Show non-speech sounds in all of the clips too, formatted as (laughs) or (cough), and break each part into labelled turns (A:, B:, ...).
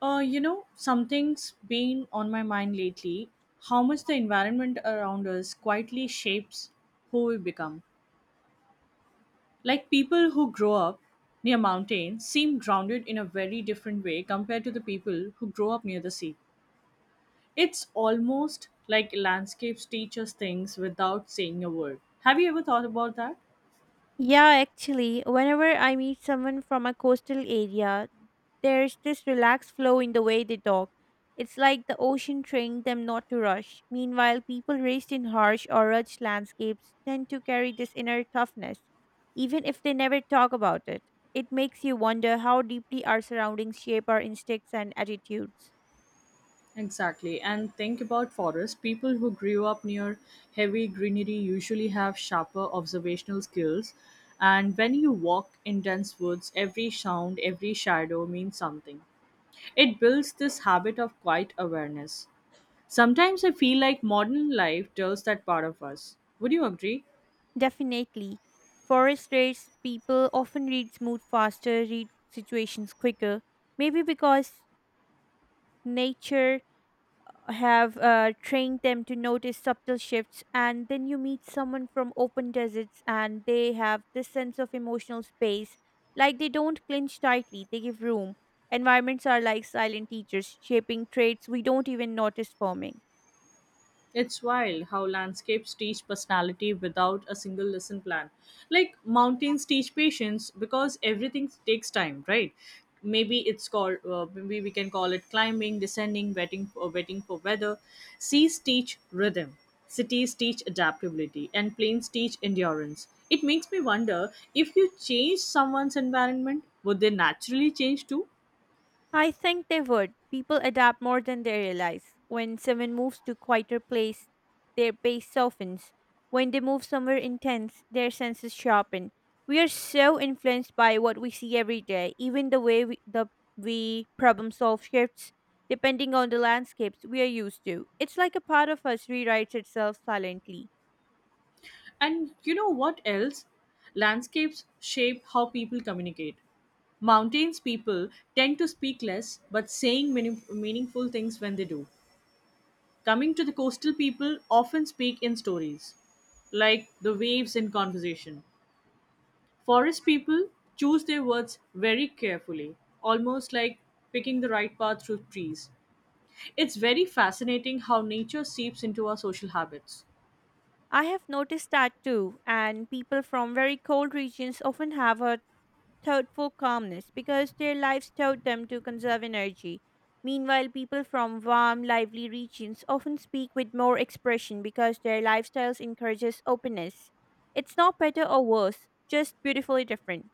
A: Something's been on my mind lately how much the environment around us quietly shapes who we become. Like people who grow up near mountains seem grounded in a very different way compared to the people who grow up near the sea. It's almost like landscapes teach us things without saying a word. Have you ever thought about that?
B: Yeah, actually, whenever I meet someone from a coastal area, there's this relaxed flow in the way they talk. It's like the ocean trained them not to rush. Meanwhile, people raised in harsh or rugged landscapes tend to carry this inner toughness, even if they never talk about it. It makes you wonder how deeply our surroundings shape our instincts and attitudes.
A: Exactly. And think about forests. People who grew up near heavy greenery usually have sharper observational skills. And when you walk in dense woods, every sound, every shadow means something. It builds this habit of quiet awareness. Sometimes I feel like modern life tells that part of us. Would you agree?
B: Definitely. Forest raised people often read mood faster, read situations quicker, maybe because nature have trained them to notice subtle shifts, and then you meet someone from open deserts, and they have this sense of emotional space. Like, they don't clinch tightly, they give room. Environments are like silent teachers, shaping traits we don't even notice forming.
A: It's wild how landscapes teach personality without a single lesson plan. Like mountains teach patience because everything takes time, right? Maybe it's called, maybe we can call it climbing, descending, waiting for weather. Seas teach rhythm, cities teach adaptability, and plains teach endurance. It makes me wonder if you change someone's environment, would they naturally change too?
B: I think they would. People adapt more than they realize. When someone moves to quieter place, their pace softens. When they move somewhere intense, their senses sharpen. We are so influenced by what we see every day. Even the way we problem solve shifts depending on the landscapes we are used to. It's like a part of us rewrites itself silently.
A: And you know what else? Landscapes shape how people communicate. Mountains people tend to speak less but saying meaningful things when they do. Coming to the coastal people often speak in stories, like the waves in conversation. Forest people choose their words very carefully, almost like picking the right path through trees. It's very fascinating how nature seeps into our social habits.
B: I have noticed that too, and people from very cold regions often have a thoughtful calmness because their lives taught them to conserve energy. Meanwhile, people from warm, lively regions often speak with more expression because their lifestyles encourages openness. It's not better or worse, just beautifully different.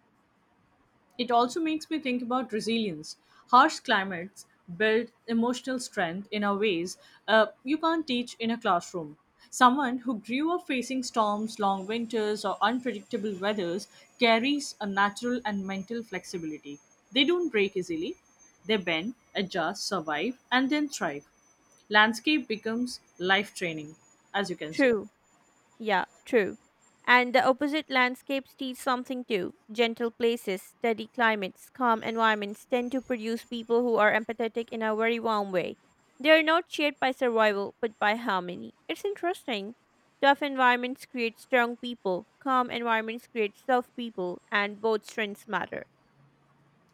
A: It also makes me think about resilience. Harsh climates build emotional strength in a ways you can't teach in a classroom. Someone who grew up facing storms, long winters, or unpredictable weathers carries a natural and mental flexibility. They don't break easily, they bend, adjust, survive, and then thrive. Landscape becomes life training, as you can say.
B: True. Yeah, true. And the opposite landscapes teach something too. Gentle places, steady climates, calm environments tend to produce people who are empathetic in a very warm way. They are not shaped by survival, but by harmony. It's interesting. Tough environments create strong people, calm environments create soft people, and both strengths matter.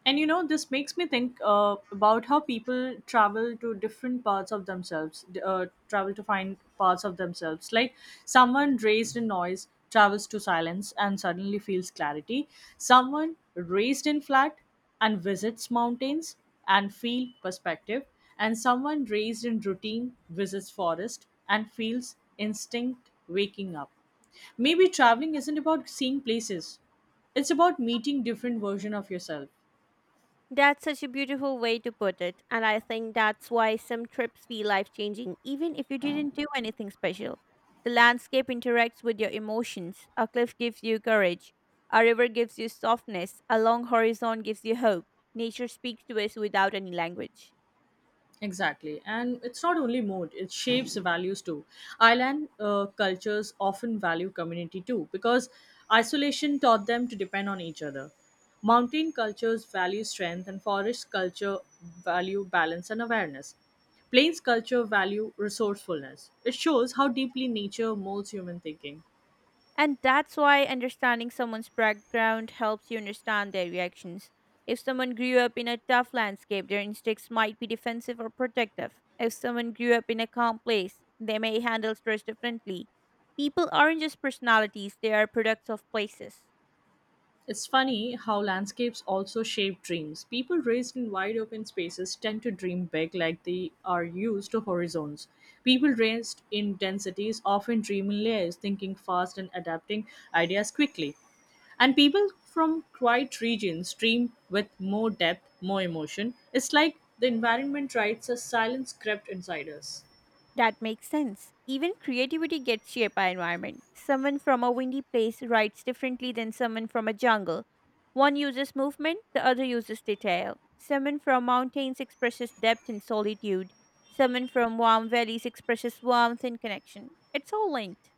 A: And you know, this makes me think about how people travel to different parts of themselves, travel to find parts of themselves. Like someone raised in noise travels to silence and suddenly feels clarity. Someone raised in flat and visits mountains and feel perspective. And someone raised in routine visits forest and feels instinct waking up, maybe traveling isn't about seeing places, it's about meeting different version of yourself.
B: That's such a beautiful way to put it. And I think that's why some trips feel life changing, even if you didn't do anything special. The landscape interacts with your emotions. A cliff gives you courage. A river gives you softness. A long horizon gives you hope. Nature speaks to us without any language.
A: Exactly. And it's not only mode, it shapes values too. Island cultures often value community too because isolation taught them to depend on each other. Mountain cultures value strength, and forest culture value balance and awareness. Plains culture value resourcefulness. It shows how deeply nature molds human thinking.
B: And that's why understanding someone's background helps you understand their reactions. If someone grew up in a tough landscape, their instincts might be defensive or protective. If someone grew up in a calm place, they may handle stress differently. People aren't just personalities, they are products of places.
A: It's funny how landscapes also shape dreams. People raised in wide open spaces tend to dream big, like they are used to horizons. People raised in densities often dream in layers, thinking fast and adapting ideas quickly. And people from quiet regions dream with more depth, more emotion. It's like the environment writes a silent script inside us.
B: That makes sense. Even creativity gets shaped by environment. Someone from a windy place writes differently than someone from a jungle. One uses movement, the other uses detail. Someone from mountains expresses depth and solitude. Someone from warm valleys expresses warmth and connection. It's all linked.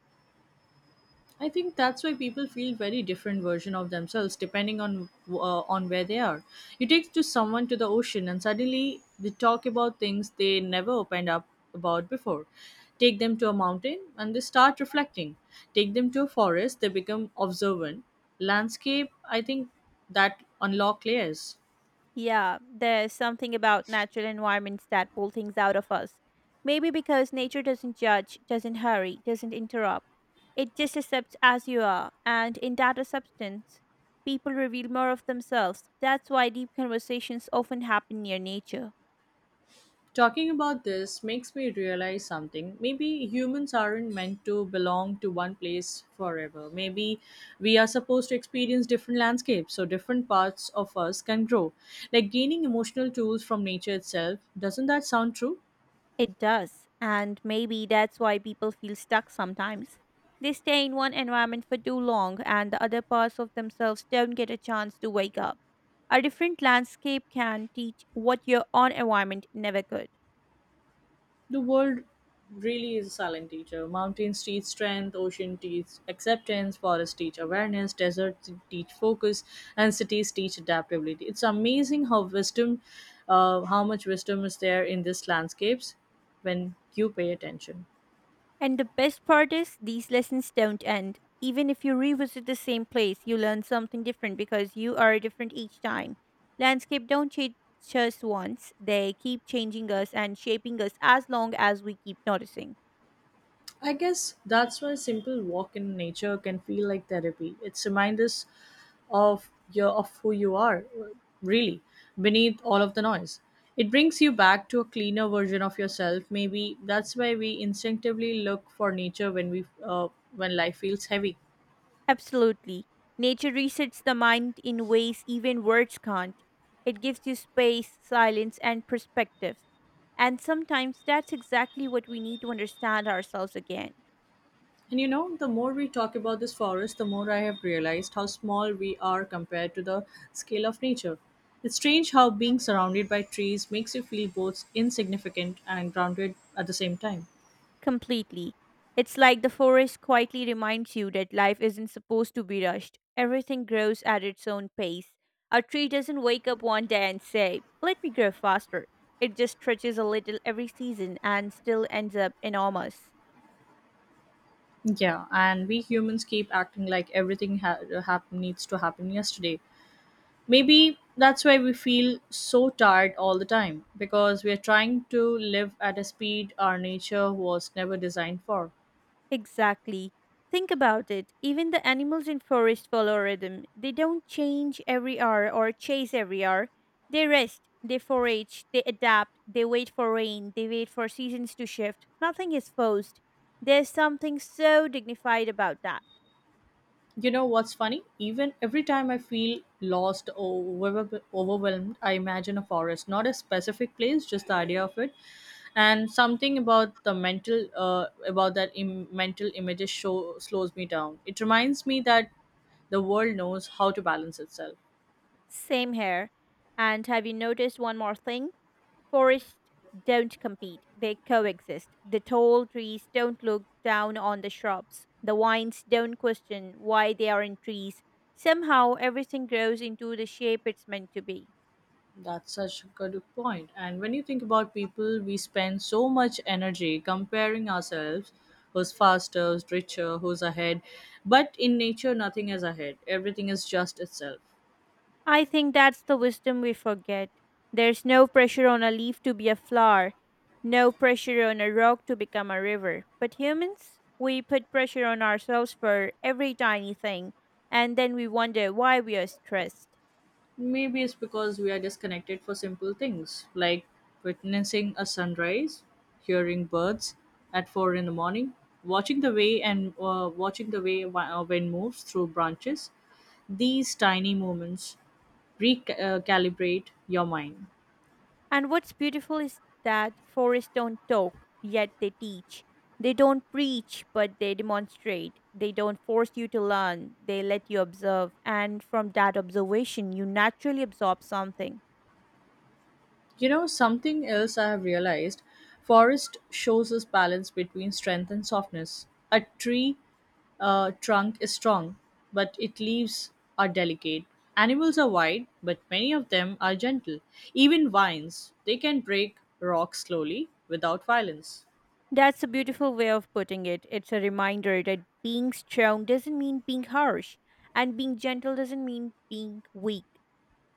A: I think that's why people feel very different version of themselves depending on where they are. You take to someone to the ocean and suddenly they talk about things they never opened up about before. Take them to a mountain and they start reflecting. Take them to a forest, they become observant. Landscape, I think, that unlock layers.
B: Yeah, there's something about natural environments that pull things out of us. Maybe because nature doesn't judge, doesn't hurry, doesn't interrupt. It just accepts as you are, and in that acceptance, people reveal more of themselves. That's why deep conversations often happen near nature.
A: Talking about this makes me realize something. Maybe humans aren't meant to belong to one place forever. Maybe we are supposed to experience different landscapes so different parts of us can grow. Like gaining emotional tools from nature itself. Doesn't that sound true?
B: It does. And maybe that's why people feel stuck sometimes. They stay in one environment for too long, and the other parts of themselves don't get a chance to wake up. A different landscape can teach what your own environment never could.
A: The world really is a silent teacher. Mountains teach strength, ocean teach acceptance, forests teach awareness, deserts teach focus, and cities teach adaptability. It's amazing how how much wisdom is there in these landscapes when you pay attention.
B: And the best part is, these lessons don't end. Even if you revisit the same place, you learn something different because you are different each time. Landscape don't change us once, they keep changing us and shaping us as long as we keep noticing.
A: I guess that's why a simple walk in nature can feel like therapy. It's reminds us of who you are really beneath all of the noise. It brings you back to a cleaner version of yourself. Maybe that's why we instinctively look for nature when we when life feels heavy.
B: Absolutely. Nature resets the mind in ways even words can't. It gives you space, silence, and perspective. And sometimes that's exactly what we need to understand ourselves again.
A: And you know, the more we talk about this forest, the more I have realized how small we are compared to the scale of nature. It's strange how being surrounded by trees makes you feel both insignificant and grounded at the same time.
B: Completely. It's like the forest quietly reminds you that life isn't supposed to be rushed. Everything grows at its own pace. A tree doesn't wake up one day and say, Let me grow faster. It just stretches a little every season and still ends up enormous.
A: Yeah, and we humans keep acting like everything needs to happen yesterday. Maybe that's why we feel so tired all the time because we are trying to live at a speed our nature was never designed for.
B: Exactly. Think about it. Even the animals in forest follow a rhythm. They don't change every hour or chase every hour. They rest, they forage, they adapt, they wait for rain, they wait for seasons to shift. Nothing is forced. There's something so dignified about that.
A: You know what's funny? Even every time I feel lost or overwhelmed, I imagine a forest, not a specific place, just the idea of it. And something about the about that mental images show slows me down. It reminds me that the world knows how to balance itself.
B: Same here. And have you noticed one more thing? Forests don't compete, they coexist. The tall trees don't look down on the shrubs. The vines don't question why they aren't trees. Somehow, everything grows into the shape it's meant to be.
A: That's such a good point. And when you think about people, we spend so much energy comparing ourselves, who's faster, who's richer, who's ahead. But in nature, nothing is ahead, everything is just itself.
B: I think that's the wisdom we forget. There's no pressure on a leaf to be a flower, no pressure on a rock to become a river. But humans, we put pressure on ourselves for every tiny thing, and then we wonder why we are stressed.
A: Maybe it's because we are disconnected for simple things like witnessing a sunrise, hearing birds at 4 in the morning, watching the way wind moves through branches. These tiny moments recalibrate your mind.
B: And what's beautiful is that forests don't talk, yet they teach. They don't preach, but they demonstrate. They don't force you to learn, they let you observe. And from that observation, you naturally absorb something.
A: You know, something else I have realized, forest shows us balance between strength and softness. A tree trunk is strong, but its leaves are delicate. Animals are wide, but many of them are gentle. Even vines, they can break rocks slowly without violence.
B: That's a beautiful way of putting it. It's a reminder that being strong doesn't mean being harsh, and being gentle doesn't mean being weak.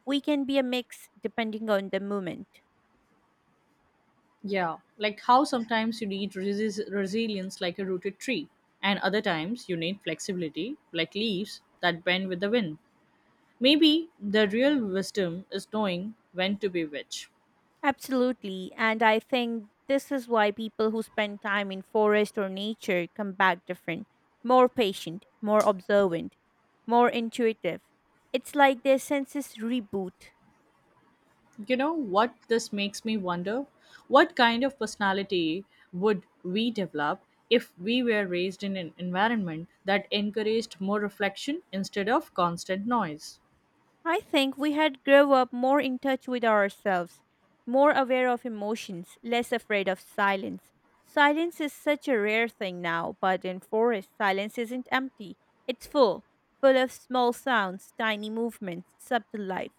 B: We can be a mix depending on the moment.
A: Yeah, like how sometimes you need resilience like a rooted tree, and other times you need flexibility like leaves that bend with the wind. Maybe the real wisdom is knowing when to be which.
B: Absolutely. And I think this is why people who spend time in forest or nature come back different, more patient, more observant, more intuitive. It's like their senses reboot.
A: You know what this makes me wonder? What kind of personality would we develop if we were raised in an environment that encouraged more reflection instead of constant noise?
B: I think we had grow up more in touch with ourselves, more aware of emotions, less afraid of silence. Silence is such a rare thing now, but in forest silence isn't empty. It's full, full of small sounds, tiny movements, subtle life.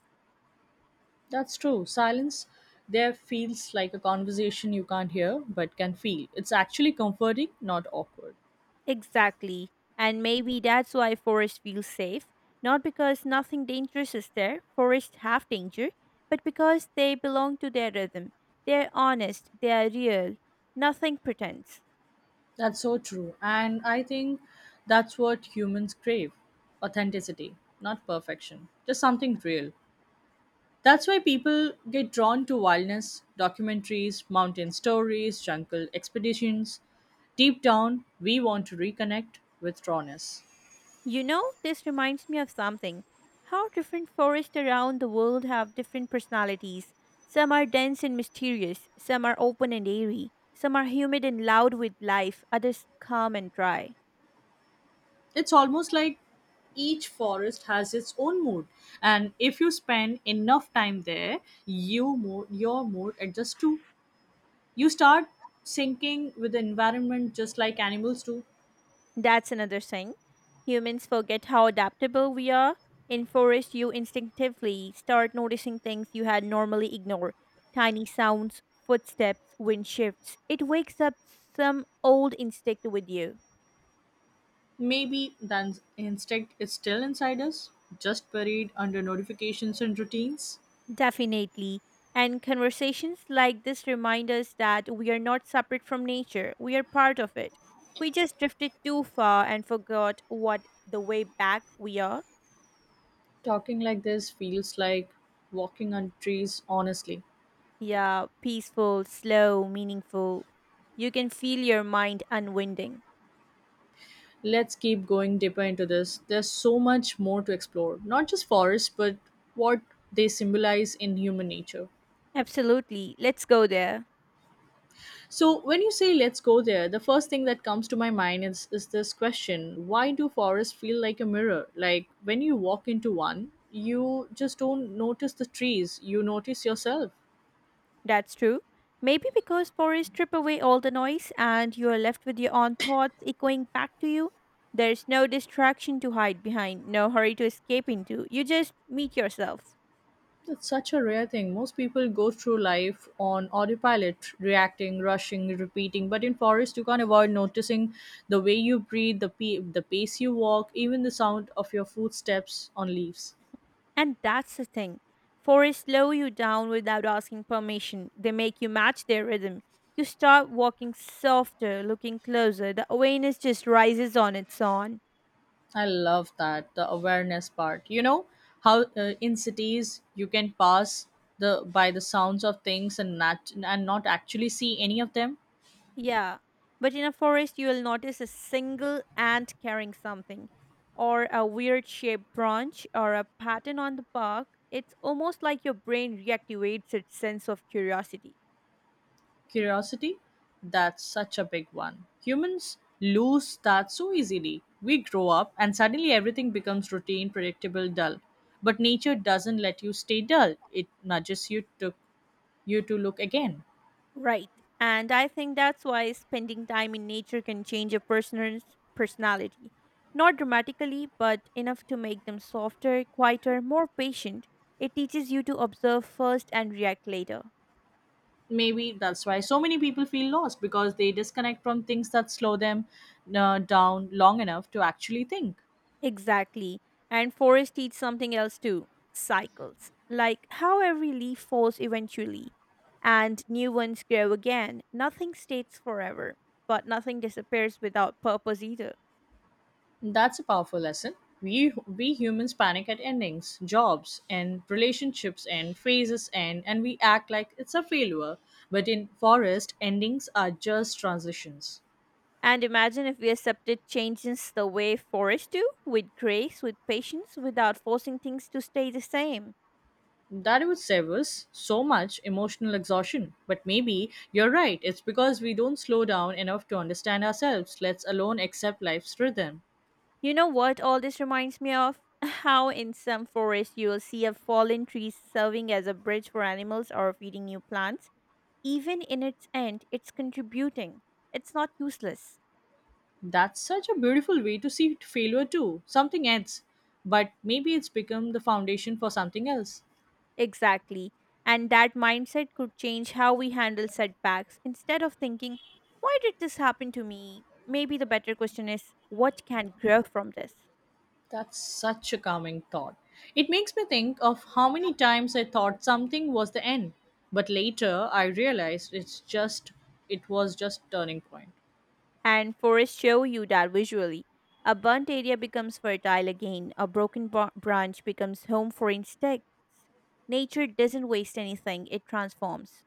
A: That's true. Silence there feels like a conversation you can't hear but can feel. It's actually comforting, not awkward.
B: Exactly. And maybe that's why forests feel safe, not because nothing dangerous is there, forests have danger, but because they belong to their rhythm. They're honest, they are real, nothing pretends.
A: That's so true. And I think that's what humans crave, authenticity, not perfection, just something real. That's why people get drawn to wildness, documentaries, mountain stories, jungle expeditions. Deep down, we want to reconnect with rawness.
B: You know, this reminds me of something: how different forests around the world have different personalities. Some are dense and mysterious, some are open and airy, some are humid and loud with life, others calm and dry.
A: It's almost like each forest has its own mood, and if you spend enough time there, your mood adjusts too. You start syncing with the environment just like animals do.
B: That's another thing. Humans forget how adaptable we are. In forest, you instinctively start noticing things you had normally ignored: tiny sounds, footsteps, wind shifts. It wakes up some old instinct with you.
A: Maybe that instinct is still inside us, just buried under notifications and routines.
B: Definitely. And conversations like this remind us that we are not separate from nature, we are part of it. We just drifted too far and forgot what the way back we are.
A: Talking like this feels like walking on trees, honestly.
B: Yeah, peaceful, slow, meaningful. You can feel your mind unwinding.
A: Let's keep going deeper into this. There's so much more to explore, not just forests, but what they symbolize in human nature.
B: Absolutely. Let's go there.
A: So when you say let's go there, the first thing that comes to my mind is this question, why do forests feel like a mirror? Like when you walk into one, you just don't notice the trees, you notice yourself.
B: That's true. Maybe because forests strip away all the noise and you are left with your own thoughts echoing back to you. There's no distraction to hide behind, no hurry to escape into. You just meet yourself.
A: That's such a rare thing. Most people go through life on autopilot, reacting, rushing, repeating. But in forest, you can't avoid noticing the way you breathe, the pace you walk, even the sound of your footsteps on leaves.
B: And that's the thing. Forests slow you down without asking permission. They make you match their rhythm. You start walking softer, looking closer. The awareness just rises on its own.
A: I love that the awareness part. You know how in cities you can pass the sounds of things and not actually see any of them.
B: Yeah. But in a forest, you will notice a single ant carrying something, or a weird shaped branch, or a pattern on the bark. It's almost like your brain reactivates its sense of curiosity.
A: Curiosity, that's such a big one. Humans lose that so easily. We grow up and suddenly everything becomes routine, predictable, dull. But nature doesn't let you stay dull. It nudges you to look again.
B: Right. And I think that's why spending time in nature can change a person's personality. Not dramatically, but enough to make them softer, quieter, more patient. It teaches you to observe first and react later.
A: Maybe that's why so many people feel lost because they disconnect from things that slow them down long enough to actually think.
B: Exactly. And forests teach something else too: cycles. Like how every leaf falls eventually, and new ones grow again. Nothing stays forever, but nothing disappears without purpose either.
A: That's a powerful lesson. We humans panic at endings, jobs and relationships and phases end, and we act like it's a failure, but in forest endings are just transitions.
B: And imagine if we accepted changes the way forests do, with grace, with patience, without forcing things to stay the same.
A: That would save us so much emotional exhaustion. But maybe you're right. It's because we don't slow down enough to understand ourselves, let alone accept life's rhythm.
B: You know what all this reminds me of? (laughs) How in some forests you'll see a fallen tree serving as a bridge for animals or feeding new plants. Even in its end, it's contributing. It's not useless.
A: That's such a beautiful way to see failure too. Something ends, but maybe it's become the foundation for something else.
B: Exactly. And that mindset could change how we handle setbacks. Instead of thinking, why did this happen to me? Maybe the better question is, what can grow from this?
A: That's such a calming thought. It makes me think of how many times I thought something was the end, but later I realized it was just turning point.
B: And forests show you that visually. A burnt area becomes fertile again, a broken branch becomes home for insects. Nature doesn't waste anything, it transforms.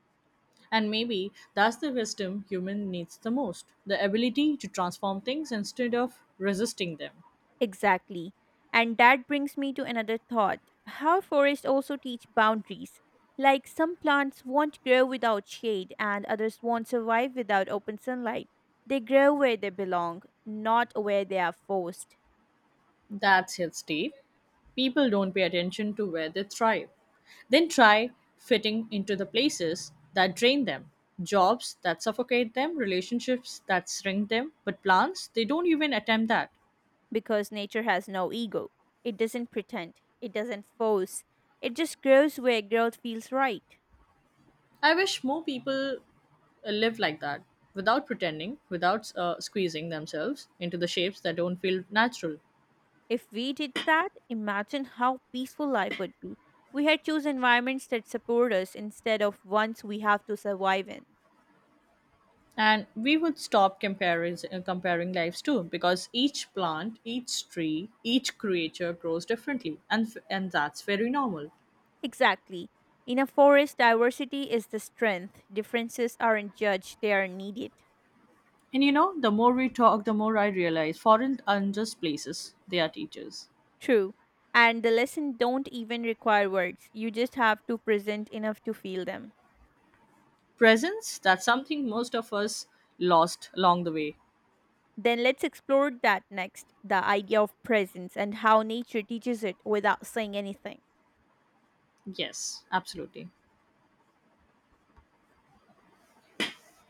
A: And maybe that's the wisdom human needs the most, the ability to transform things instead of resisting them.
B: Exactly. And that brings me to another thought: how forests also teach boundaries. Like some plants won't grow without shade, and others won't survive without open sunlight. They grow where they belong, not where they are forced.
A: That's his tape. People don't pay attention to where they thrive. Then try fitting into the places that drain them. Jobs that suffocate them, relationships that shrink them, but plants, they don't even attempt that.
B: Because nature has no ego. It doesn't pretend, it doesn't force, it just grows where growth feels right.
A: I wish more people live like that, without pretending, without squeezing themselves into the shapes that don't feel natural.
B: If we did that, imagine how peaceful life would be. We had choose environments that support us instead of ones we have to survive in.
A: And we would stop comparing lives too, because each plant, each tree, each creature grows differently, and that's very normal.
B: Exactly. In a forest, diversity is the strength. Differences aren't judged, they are needed.
A: And you know, the more we talk, the more I realize foreign aren't just places, they are teachers.
B: True. And the lesson don't even require words. You just have to present enough to feel them.
A: Presence, that's something most of us lost along the way.
B: Then let's explore that next: the idea of presence and how nature teaches it without saying anything.
A: Yes, absolutely.